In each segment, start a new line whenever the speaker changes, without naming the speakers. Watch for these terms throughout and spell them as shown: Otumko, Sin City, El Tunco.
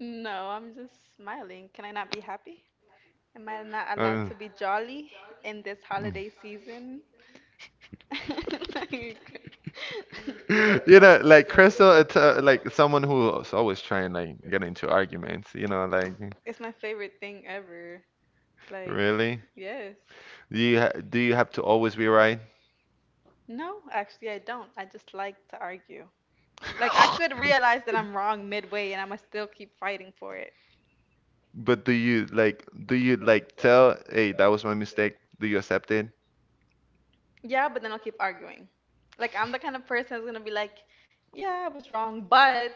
No, I'm just smiling. Can I not be happy? Am I not allowed to be jolly in this holiday season? Like, it's my favorite thing ever. Like, yes. No, actually, I don't. I just like to argue. Like, I could realize that I'm wrong midway and I must still keep fighting for it. Yeah, but then I'll keep arguing. Like I'm the kind of person that's gonna be like, yeah, I was wrong, but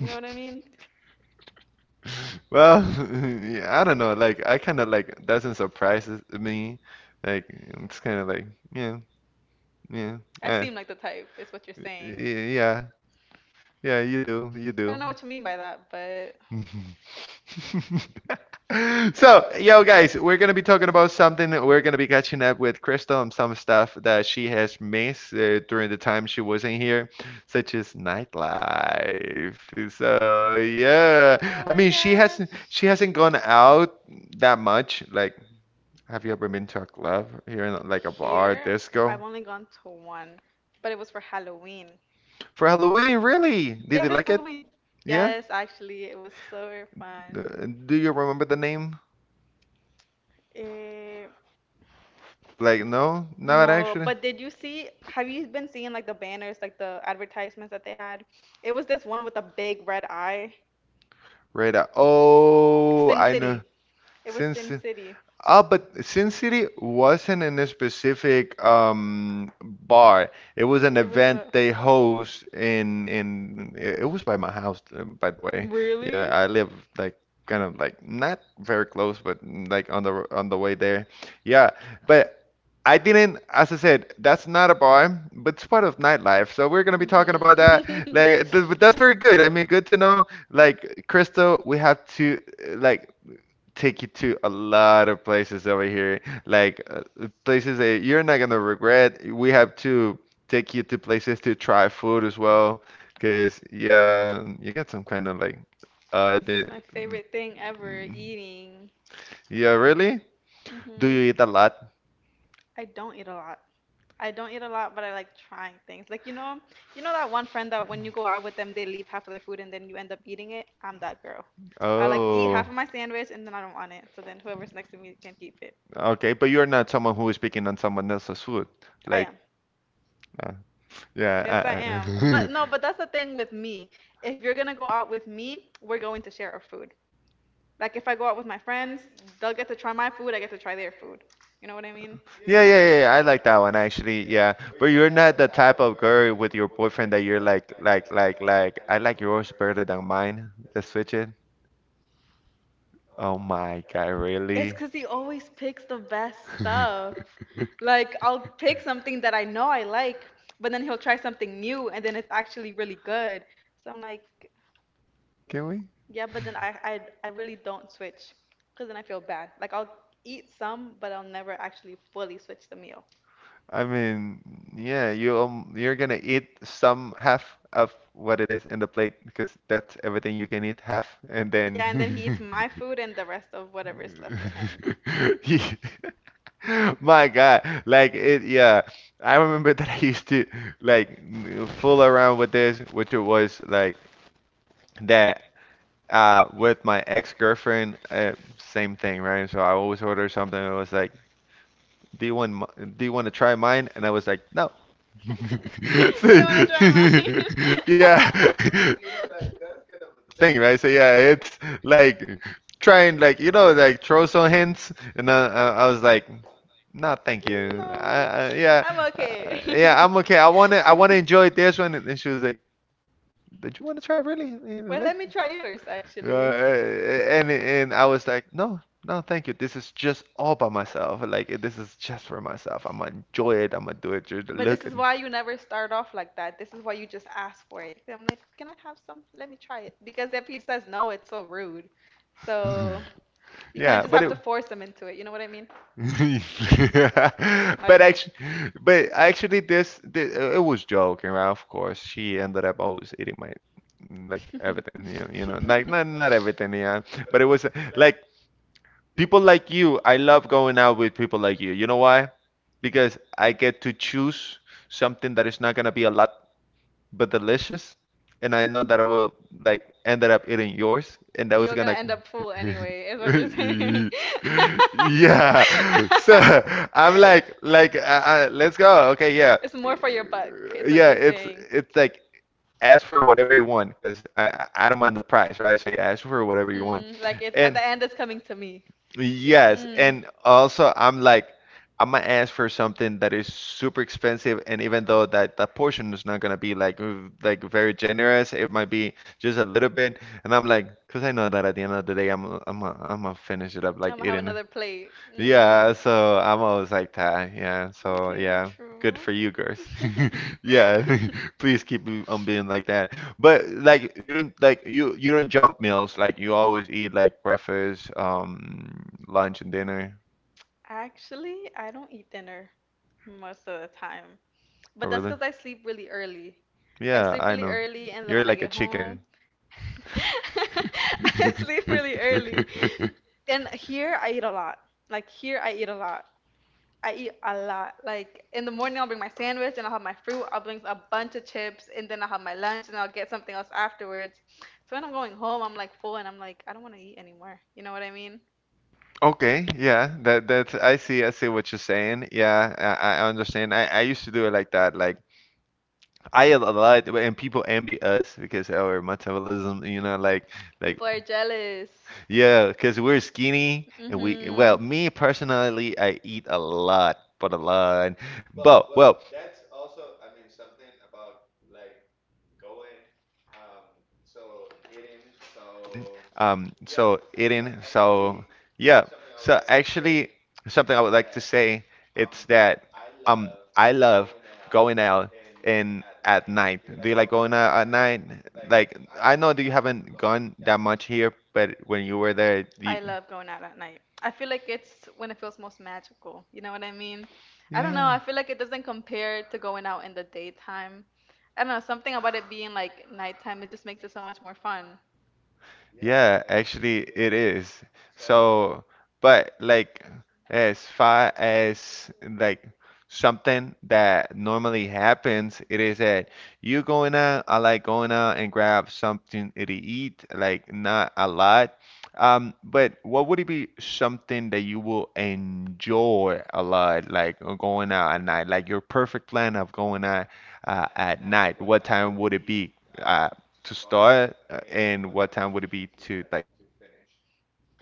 you know what I mean? I seem like the type, is what you're saying. I don't know what you mean by that, but oh my gosh. Here, I've only gone to one, but it was for Halloween. Yeah, this Halloween. Yes, actually, it was so fun. What name? Eh, no, but did you see? Have you been seeing like the banners, like the advertisements that they had? It was this one with a big red eye. Sin City. Remember. It was Sin City. City. It was a. Really? I get it. Mhm. It's my favorite thing ever, eating. Do I don't eat a lot. I don't eat a lot, but I like trying things. Like you know that one friend that when you go out with them, they leave half of their food and then you end up eating it. I'm that girl. I like eat half of my sandwich and then I don't want it. So then whoever's next to me can keep it. I am. Yes, I am. But no, but that's the thing with me. If you're gonna go out with me, we're going to share our food. Like if I go out with my friends, they'll get to try my food, I get to try their food. You know what I mean? It's 'cause he always picks the best stuff. Like I'll pick something that I know I like, but then he'll try something new and then it's actually really good. So I'm like, yeah, but then I really don't switch 'cause then I feel bad. Like I'll eat some, but I'll never actually fully switch the meal. And then he eats my food and the rest of whatever is left for him. You don't want to try mine? Yeah, I'm okay. Well, let me try yours actually. But this is why you never start off like that. This is why you just ask for it. I'm like, can I have some? Let me try it. Because if he says no, it's so rude. So you kind of just have to force them into it. You know what I mean? Like. You're gonna end up full anyway, is what you're saying. It's more for your buck, is what you're saying. Mm, like it's at the end, it's coming to me. Mm. Am have another plate. Mm. Okay, true. Actually, I don't eat dinner most of the time, but that's because I sleep really early. I sleep really early, and then when I get home, I sleep really early. And here I eat a lot. Like here I eat a lot. I eat a lot. Like in the morning, I'll bring my sandwich and I'll have my fruit. I'll bring a bunch of chips and then I'll have my lunch and I'll get something else afterwards. So when I'm going home, I'm like full and I'm like, I don't want to eat anymore. You know what I mean? People are jealous. Mhm. I love going out at night. I feel like it's when it feels most magical. You know what I mean? I don't know. I feel like it doesn't compare to going out in the daytime. I don't know. Something about it being like nighttime, it just makes it so much more fun.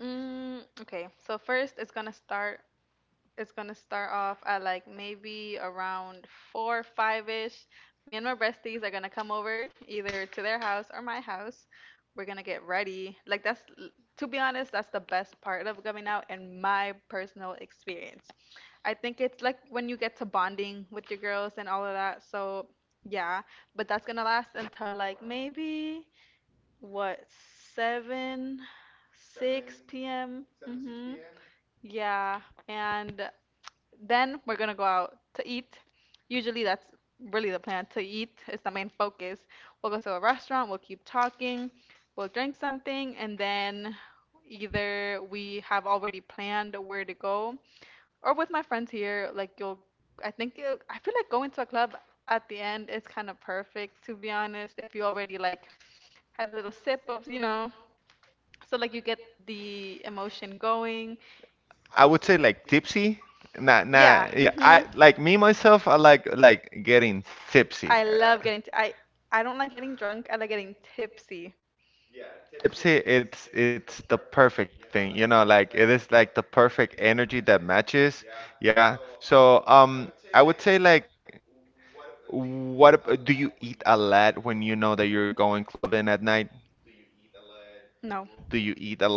Mm, okay, so first it's gonna start. It's gonna start off at like maybe around four, five ish. Me and my besties are gonna come over either to their house or my house. We're gonna get ready. Like that's, to be honest, that's the best part of coming out in my personal experience. I think it's like when you get to bonding with your girls and all of that. So yeah, but that's gonna last until like maybe what seven, six p.m. Mm-hmm. Yeah, and then we're gonna go out to eat. Usually that's really the plan to eat is the main focus. We'll go to a restaurant, we'll keep talking, we'll drink something, and then either we have already planned where to go, or with my friends here, like you'll, I think, I feel like going to a club at the end is kind of perfect, to be honest, if you already like had a little sip of, so like you get the emotion going.
I would say like tipsy. Nah, nah.
Yeah.
Yeah, I
Mhm.
like me myself. I like getting tipsy.
I love
Uh,
getting t- I I don't like getting drunk. I like getting tipsy.
Yeah, tipsy. It's the perfect thing. You know, like it is like the perfect energy that matches. Yeah. So I would say like, do you eat a lot when you know that you're going clubbing at night? Do you eat a
No.
lot before?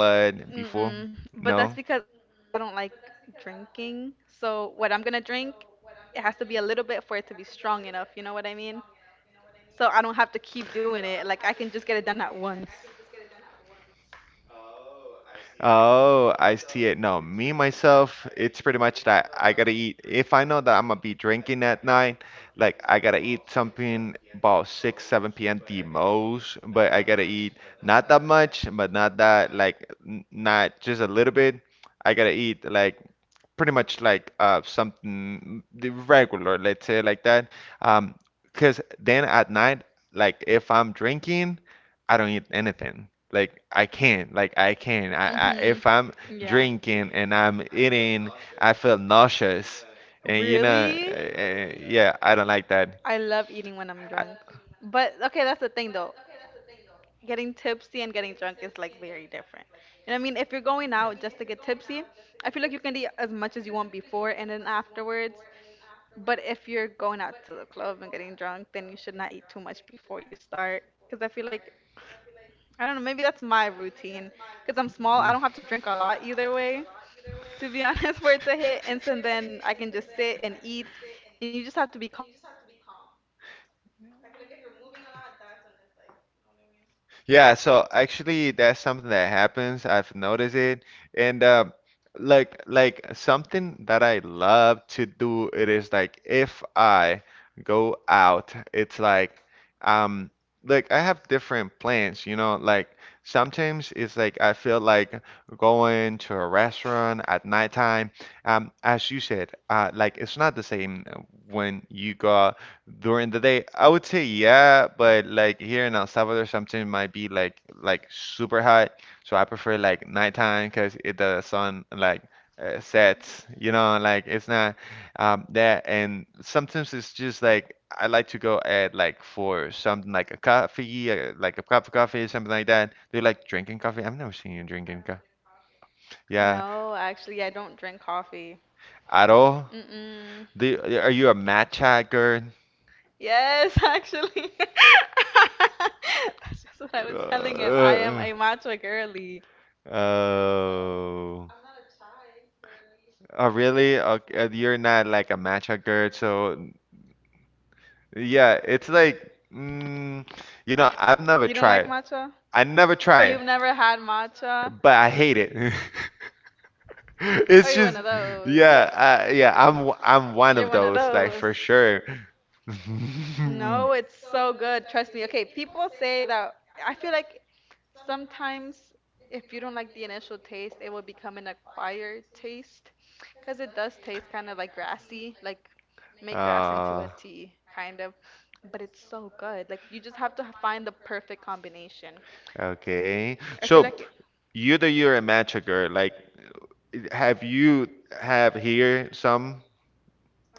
No.
Mm-mm. But that's because I don't like drinking. So what I'm gonna drink, it has to be a little bit for it to be strong enough. You know what I mean? So I don't have to keep doing it. Like I can just get it done at once.
Oh, I see it. No, me myself, it's pretty much that I gotta eat. If I know that I'm gonna be drinking at night, like I gotta eat something about 6, 7 p.m. the most, but I gotta eat not that much, but not that like n not just a little bit. I gotta eat like pretty much like something the regular, let's say like that. Um, because then at night, like if I'm drinking, I don't eat anything. Like I can't, like I can't. I
Mm-hmm.
If I'm
Yeah.
drinking and I'm eating, I feel nauseous, and you know,
Really?
yeah, I don't like that.
I love eating when I'm drunk. But okay, that's the thing though. Getting tipsy and getting drunk is like very different. You know what I mean? If you're going out just to get tipsy, I feel like you can eat as much as you want before and then afterwards. But if you're going out to the club and getting drunk, then you should not eat too much before you start. Because I feel like, I don't know, maybe that's my routine. Because I'm small, I don't have to drink a lot either way, to be honest, for it to hit. And so then I can just sit and eat, and you just have to be calm. I feel like if you're moving a lot, that's when it's like, you know what I mean?
Yeah, so actually that's something that happens. I've noticed it. And like something that I love to do it is like if I go out, it's um like I have different plans, you know, like sometimes it's like I feel like going to a restaurant at nighttime. As you said, like it's not the same when you go during the day, I would say yeah, but like here in El Salvador, sometimes might be like super hot, so I prefer like nighttime because it the sun like sets, you know, like it's not that. And sometimes it's just like I like to go at like for something like a coffee, like a cup of coffee, something like that. Do you like drinking coffee? I've never seen you drinking coffee. Yeah,
No, actually, I don't drink coffee.
at all?
Mm-mm.
Do you, are you a matcha girl?
Yes, actually. That's just what I was telling him. I am
Uh, uh,
a matcha girly. Like, it's so.
oh.
I'm not a chai girly.
Oh, really?
Let me
Okay,
tell you
you're
that.
not like a matcha girl, so yeah, it's like, mm, you know, I've never
You don't like
tried.
matcha?
I never try it,
You've never had matcha?
but I hate it.
Are
It's
you one
just,
of those.
yeah, yeah, I'm I'm one
You're
of
one of
those, like
those.
for sure.
No, it's so good. Trust me. Okay, people say that. I feel like sometimes, if you don't like the initial taste, it will become an acquired taste because it does taste kind of like grassy, like make grass into a
Uh,
tea, kind of. But it's so good. Like, you just have to find the perfect combination.
Okay.
I feel
So
like
you that you're a matcha girl, like have you have here some?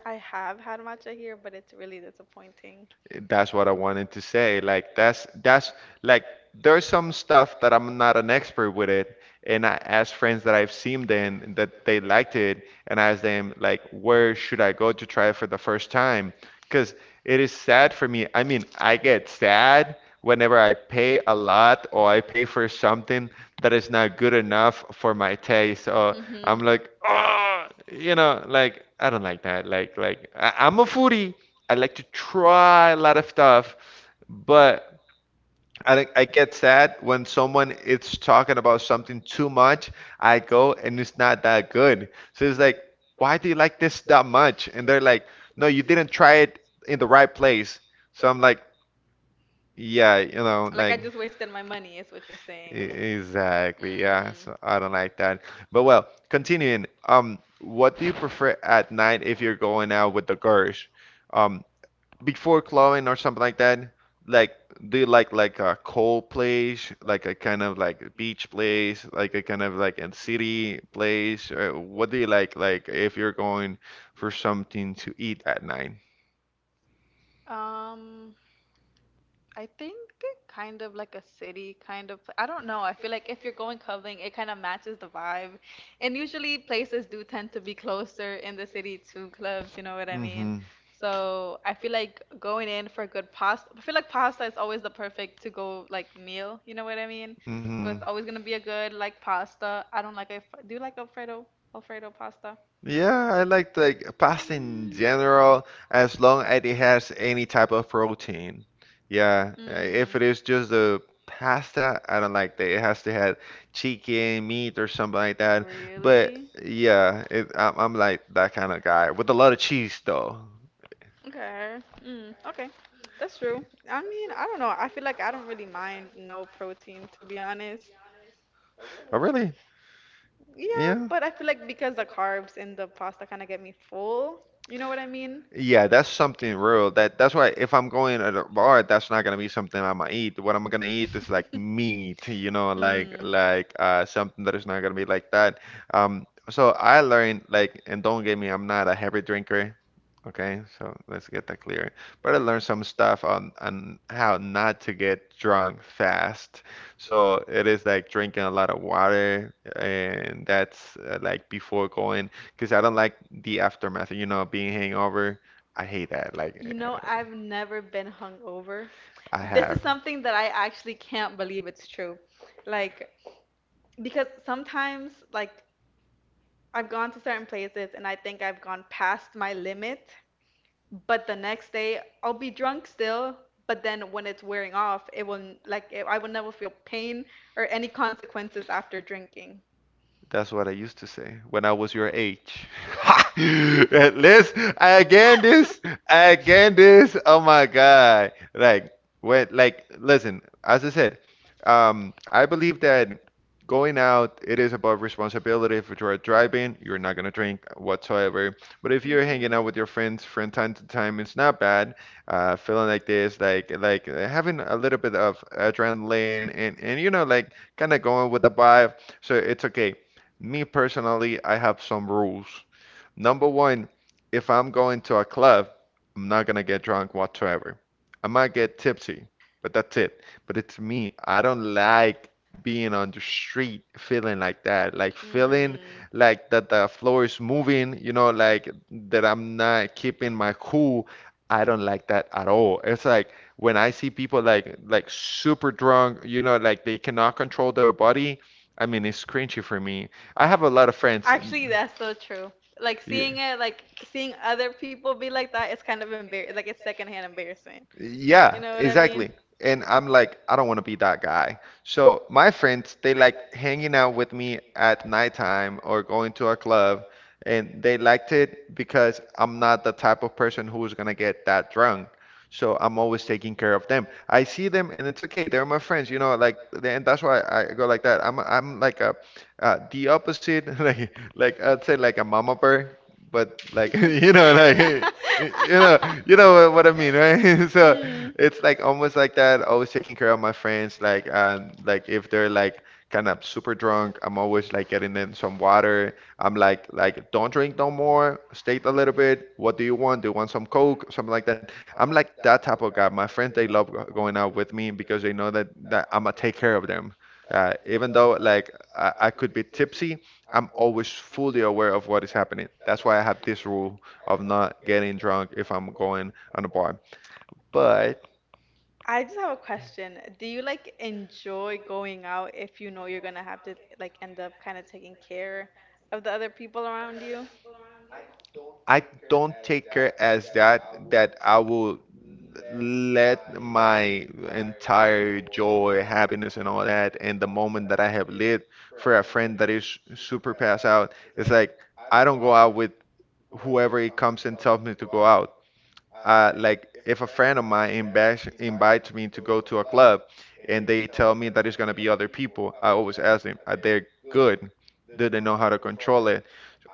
I have had matcha here, but it's really disappointing.
That's what I wanted to say. Like that's like there's some stuff that I'm not an expert with it, and I ask friends that I've seen then that they liked it, and I ask them like where should I go to try it for the first time? Because it is sad for me. I mean, I get sad whenever I pay a lot or I pay for something that is not good enough for my taste. So I'm
Mhm.
like, oh, you know, like I don't like that. Like I'm a foodie. I like to try a lot of stuff, but I get sad when someone is talking about something too much. I go and it's not that good. So it's like, why do you like this that much? And they're like, no, you didn't try it in the right place. So I'm like, yeah, you know,
Like
like.
I just wasted my money, is what you're saying.
Exactly. Yeah.
Mm.
So I don't like that. But well, continuing. What do you prefer at night if you're going out with the girls? Um, Before clubbing or something like that, like do you like a cold place, like a kind of like beach place, like a kind of like a city place? What do you like if you're going for something to eat at night?
Um, I think kind of like a city kind of. I don't know. I feel like if you're going clubbing, it kind of matches the vibe. And usually places do tend to be closer in the city to clubs, you know what I mean?
Mm-hmm.
So I feel like going in for a good pasta. I feel like pasta is always the perfect to go like meal, you know what I mean? So
Mm-hmm.
it's always gonna be a good like pasta. I don't like. Do you like Alfredo? Alfredo pasta?
Yeah, I like pasta in
Mm.
general as long as it has any type of protein. Yeah, if
Mm.
it is just the pasta, I don't like that. It has to have chicken, meat, or something like that. But
Really?
yeah, it, I'm like that kind of guy with a lot of cheese though.
Okay. Mm, okay. That's true. I mean, I don't know. I feel like I don't really mind no protein, to be honest.
Oh, really?
Yeah,
Yeah.
but I feel like because the carbs in the pasta kind of get me full. You know what I mean?
Yeah, that's something real. That's why if I'm going at a bar, that's not gonna be something I'm gonna eat. What I'm gonna eat is like meat, you know, like
Mm.
like something that is not gonna be like that. So I learned like, and don't get me, I'm not a heavy drinker. Okay, so let's get that clear. But I learned some stuff on how not to get drunk fast. So it is like drinking a lot of water, and that's like before going, because I don't like the aftermath, you know, being hangover. I hate that. Like,
You know, I've never been hungover.
I
This is
have.
something that I actually can't believe it's true. Like, because sometimes, like, I've gone to certain places and I think I've gone past my limit, but the next day I'll be drunk still, but then when it's wearing off, it will n- like it, I will never feel pain or any consequences after drinking.
That's what I used to say when I was your age. Let's again this again this. Oh my God! Like when like listen, as I said, I believe that going out it is about responsibility. If you're driving, you're not gonna drink whatsoever. But if you're hanging out with your friends from time to time, it's not bad. Feeling like this, having a little bit of adrenaline and you know like kind of going with the vibe. So it's okay. Me personally, I have some rules Number one, if I'm going to a club, I'm not gonna get drunk whatsoever. I might get tipsy, but that's it. But it's me. I don't like being on the street feeling like that,
Mhm.
the floor is moving, you know, like that I'm not keeping my cool. I don't like that at all. It's like when I see people like super drunk, you know, like they cannot control their body. I mean, it's cringy for me. I have a
Who
lot of friends.
actually, that's so true. Like seeing other people be like that, it's kind of embarrassing. Like it's secondhand embarrassment. You
Yeah,
know what I mean?
exactly. And I'm like, I don't want to be that guy. So my friends, they like hanging out with me at nighttime or going to a club, and they liked it because I'm not the type of person who's gonna get that drunk. So I'm always taking care of them. I see them, and it's okay. They're my friends, you know. Like, and that's why I go like that. I'm like a the opposite, I'd say like a mama bear, but like you know like Y- You know, you know what I mean, right? So
So, Mm.
it's like almost like that. Always taking care of my friends. Like if they're like kind of super drunk, I'm always like getting them some water. I'm like don't drink no more. Stay a little bit. What do you want? Do you want some Coke? Something like that. I'm like that type of guy. My friends, they love going out with me because they know that I'm gonna take care of them. Even though like I could be tipsy, I'm always fully aware of what is happening. That's why I have this rule of not getting drunk if I'm going on a bar. But
I just have a question. Do you like enjoy going out if you know you're gonna have to like end up kind of taking care of the other people around you?
I don't take her as that, I will let my entire joy, happiness, and all that, and the moment that I have lived for a friend that is super passed out. It's like I don't go out with whoever it comes and tells me to go out. Like if a friend of mine invites me to go to a club and they tell me that it's gonna be other people, I always ask them, are they good? Do they know how to control it?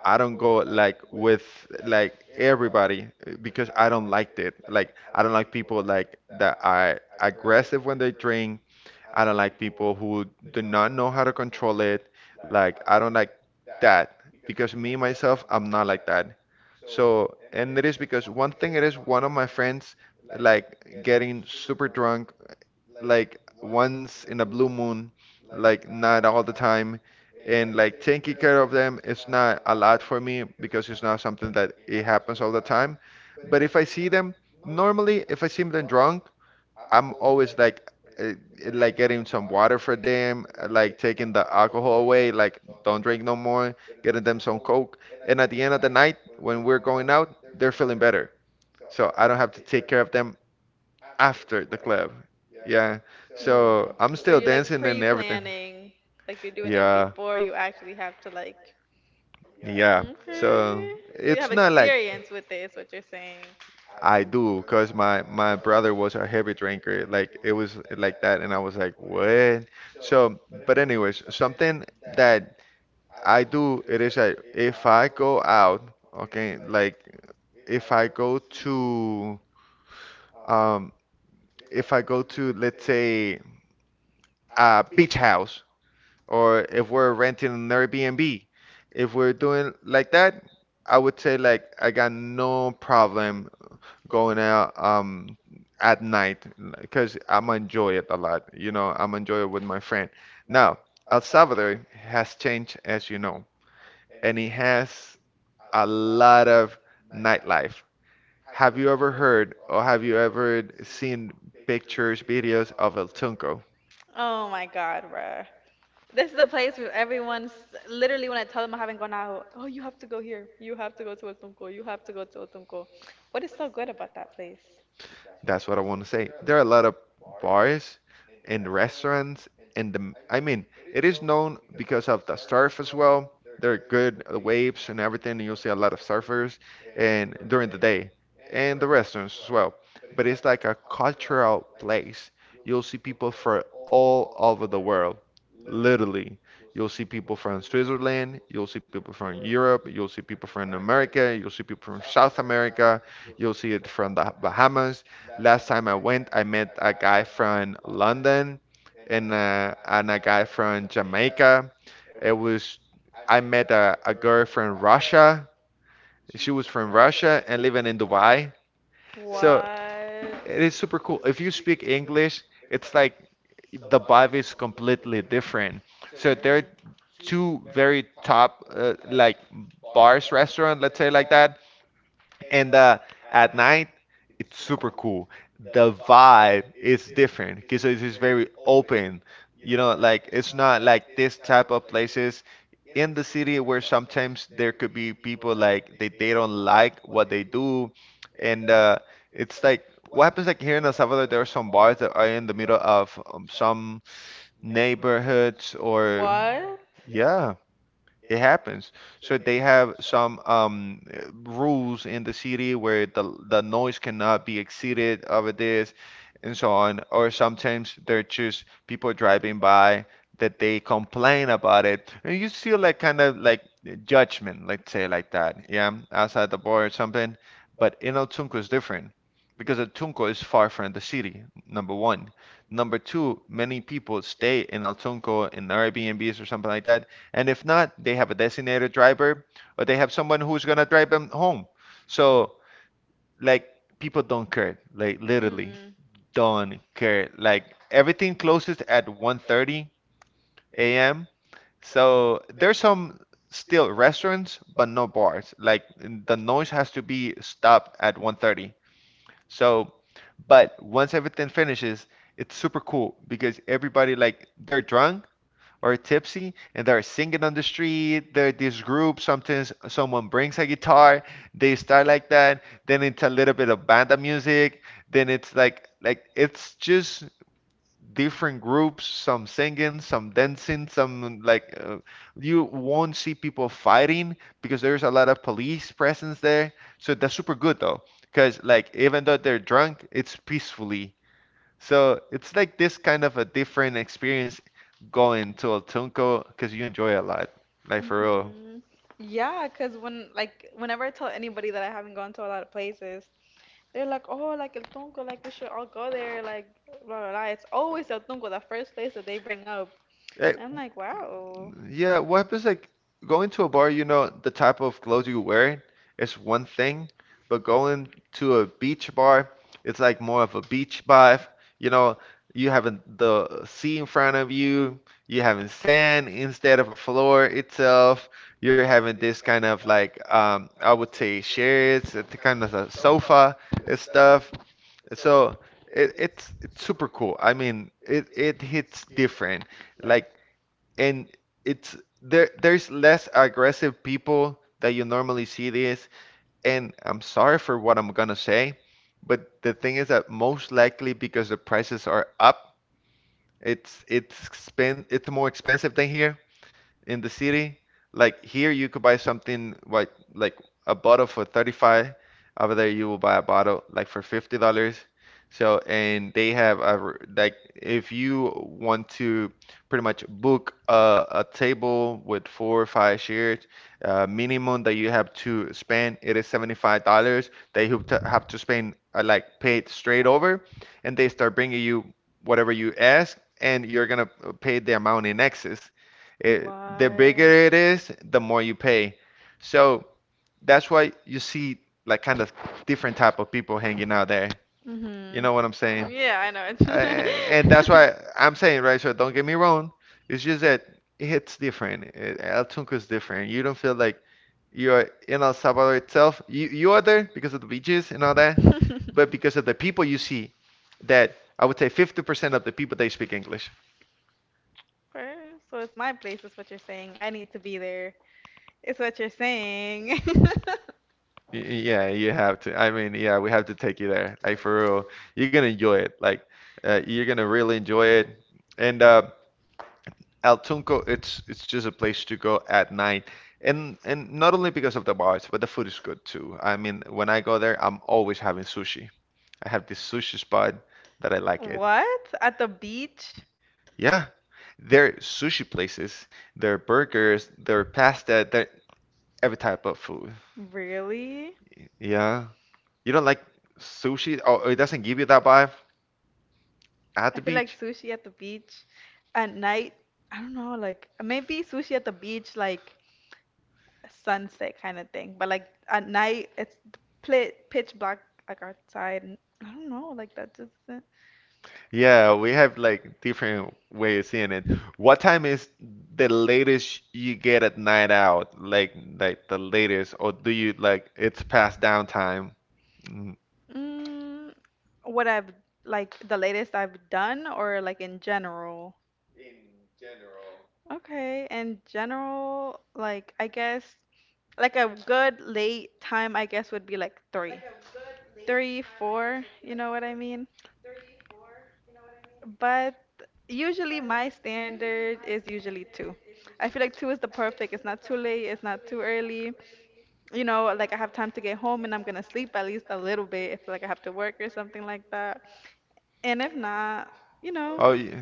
I don't go like with like everybody because I don't like it. Like I don't like people like that are aggressive when they drink. I don't like people who do not know how to control it. Like I don't like that because me myself, I'm not like that. So, and it is because one thing it is one of my friends like getting super drunk like once in a blue moon, like not all the time. And like taking care of them is not a lot for me because it's not something that it happens all the time. But if I see them, normally if I see them drunk, I'm always uh, like getting some water for them, like taking the alcohol away, like don't drink no more, getting them some coke. And at the end of the night, when we're going out, they're feeling better. So I don't have to take care of them after the club. Yeah. So I'm
Mm. So
still
you're like
dancing and everything.
pre-planning, like you're doing it yeah,
Yeah.
before you actually have to like. So
Yeah. So
okay. So you have
it's not like
experience with it, is what you're saying.
I do, cause my brother was a heavy drinker. Like it was like that, and I was like, what? So, but anyways, something that I do, it is like if I go out, okay, like if I go to um if I go to let's say a beach house, or if we're renting an Airbnb. If we're doing like that, I would say like I got no problem going out at night because I'm enjoy it a lot. You know, I'm enjoy it with my friend. Now, El Salvador has changed as you know, and it has a lot of nightlife. Have you ever heard or have you ever seen pictures, videos of El Tunco?
Oh my God, bruh. This is the place where everyone's literally when I tell them I haven't gone out, oh, you have to go here. You have to go to Otumko. You have to go to Otumko. What is so good about that place?
That's what I want to say. There are a lot of bars and restaurants, and I mean, it is known because of the surf as well. There are good waves and everything, and you'll see a lot of surfers and during the day, and the restaurants as well. But it's like a cultural place. You'll see people from all over the world, literally. You'll see people from Switzerland, you'll see people from Europe, you'll see people from America, you'll see people from South America. You'll see it from the Bahamas. Last time I went, I met a guy from London and a guy from Jamaica. It was I met a girl from Russia. She was from Russia and living in Dubai.
So
So
What?
it is super cool. If you speak English, it's like the vibe is completely different. So there are
Hmm.
two very top like bars restaurant, let's say like that, and at night it's super cool. The vibe is different because it is very open. You know, like it's not like this type of places in the city where sometimes there could be people like they don't like what they do and it's like what happens like here in El Salvador there are some bars that are in the middle of some neighborhoods or
What?
yeah it happens. So they have some rules in the city where the noise cannot be exceeded over this, and so on. Or sometimes they're just people driving by that they complain about it, and you feel like kind of like judgment, let's say like that, yeah, outside the bar or something. But in El Tunco is different because El Tunco is far from the city, number one. Number two, many people stay in El Tunco in Airbnbs or something like that and if not, they have a designated driver or they have someone who's gonna drive them home. So like people don't care, like literally
Mm.
don't care. Like everything closes at 1:30 a.m. So there's some still restaurants, but no bars. Like the noise has to be stopped at 1:30. So, but once everything finishes, it's super cool because everybody like they're drunk or tipsy and they're singing on the street. They're this group. Sometimes someone brings a guitar. They start like that. Then it's a little bit of banda music. Then it's like it's just different groups. Some singing, some dancing, some like you won't see people fighting because there's a lot of police presence there. So that's super good though, because like even though they're drunk, it's peacefully so it's like this kind of a different experience going to Otunco because you enjoy a lot, like for real.
Mhm. Yeah, 'cause when like whenever I tell anybody that I haven't gone to a lot of places, they're like, oh, like El Tunco, like we should all go there, like blah blah blah. It's always El Tunco, the first place that they bring up.
Eh,
I'm like, wow.
yeah, what happens like going to a bar, you know, the type of clothes you wear is one thing, but going to a beach bar, it's like more of a beach vibe. You know, you having the sea in front of you, you having sand instead of a floor itself. You're having this kind of like I would say chairs, it's kind of a sofa and stuff. So it's super cool. I mean, it hits different. Like and it's there's less aggressive people that you normally see this and I'm sorry for what I'm gonna say but the thing is that most likely because the prices are up it's spend it's more expensive than here in the city. Like here, you could buy something like a bottle for 35. Over there, you will buy a bottle like for $50. So, and they have a, r- like if you want to pretty much book a table with four or five chairs, minimum that you have to spend, it is $75. They have to spend like paid straight over, and they start bringing you whatever you ask, and you're gonna pay the amount in excess. It, the
Why?
bigger it
The
is, the more you pay. So that's why you see like kind of different type of people hanging out there.
You
You know what I'm saying?
yeah, I know it.
And that's
And
why I'm saying, right? So don't get me wrong. It's just that it's different. It, El Tunco is different. You don't feel like you're in El Salvador itself. You are there because of the beaches and all that, but because of the people you see, that I would say 50% of the people they speak English.
Per- So it's my place, is what you're saying. I need to be there. It's what you're saying. But
Y- yeah, you have to. I mean, yeah, we have to take you there. Like for real, you're gonna enjoy it. Like, you're gonna really enjoy it. And El Tunco, it's just a place to go at night, and not only because of the bars, but the food is good too. I mean, when I go there, I'm always having sushi. I have this sushi spot that I like it.
what? At the beach?
Yeah, there are sushi places, there are burgers, there are pasta, there every type of food.
Really?
Yeah. You don't like sushi? Oh, it doesn't give you that vibe at
I
the
feel like
beach?
sushi at the beach at night. I don't know, like maybe sushi at the beach, like sunset kind of thing. But like at night, it's pitch black like outside. And I don't know, like that just
Yeah, we have like different way of seeing it. What time is the latest you get at night out? Like the latest, or do you like it's past downtime mm,
mm, what I've like the latest I've done or like in general.
in general?
Okay, in general, like I guess like a good late time I guess would be like three, three, four. You know what I mean? But usually my standard is usually two. I feel like two is the perfect. It's not too late, it's not too early. You know, like I have time to get home and I'm gonna sleep at least a little bit if like I have to work or something like that. And if not, you know,
Oh, yeah.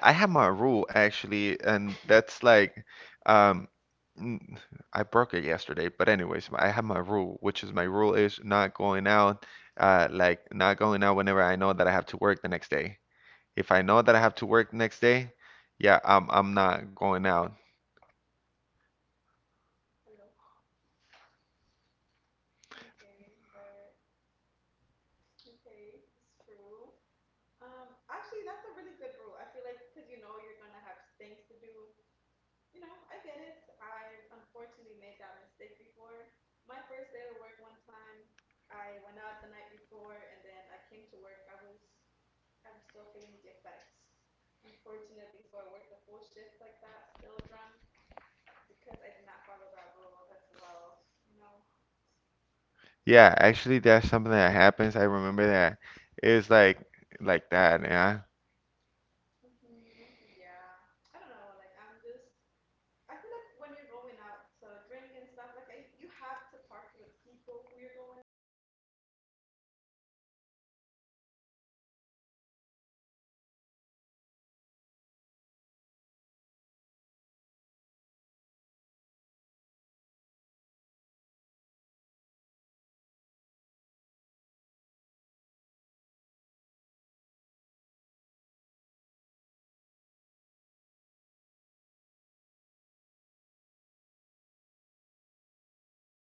I have my rule actually, and that's like, um, n- I broke it yesterday. But anyways, I have my rule, which is my rule is not going out, like not going out whenever I know that I have to work the next day. If I know that I have to work the next day, yeah, I'm not going out.
okay, but okay, that's true. Actually, that's a really good rule. I feel like because you know you're gonna have things to do, you know, I get it. I've unfortunately made that mistake before. My first day to work one time, I went out the night before and then I came to work. I was still feeling the effects, unfortunately. So I worked a full shift like that, still drunk, because I did not follow that rule as well, you know.
Yeah, actually, that's something that happens. I remember that. It's like that, yeah.
Mhm. Yeah. I don't know, like I'm just I feel like when you're going out to drink and stuff, like I, you have to talk to the people who you're going out with and set rules. Like I feel like it's really important to, you know, just have things like laid out before you get the night going. Okay, but I do see that we have been talking for a little bit and we do have to pack it up now. So awesome. We had a really lovely conversation and I hope we can have this again. Bye.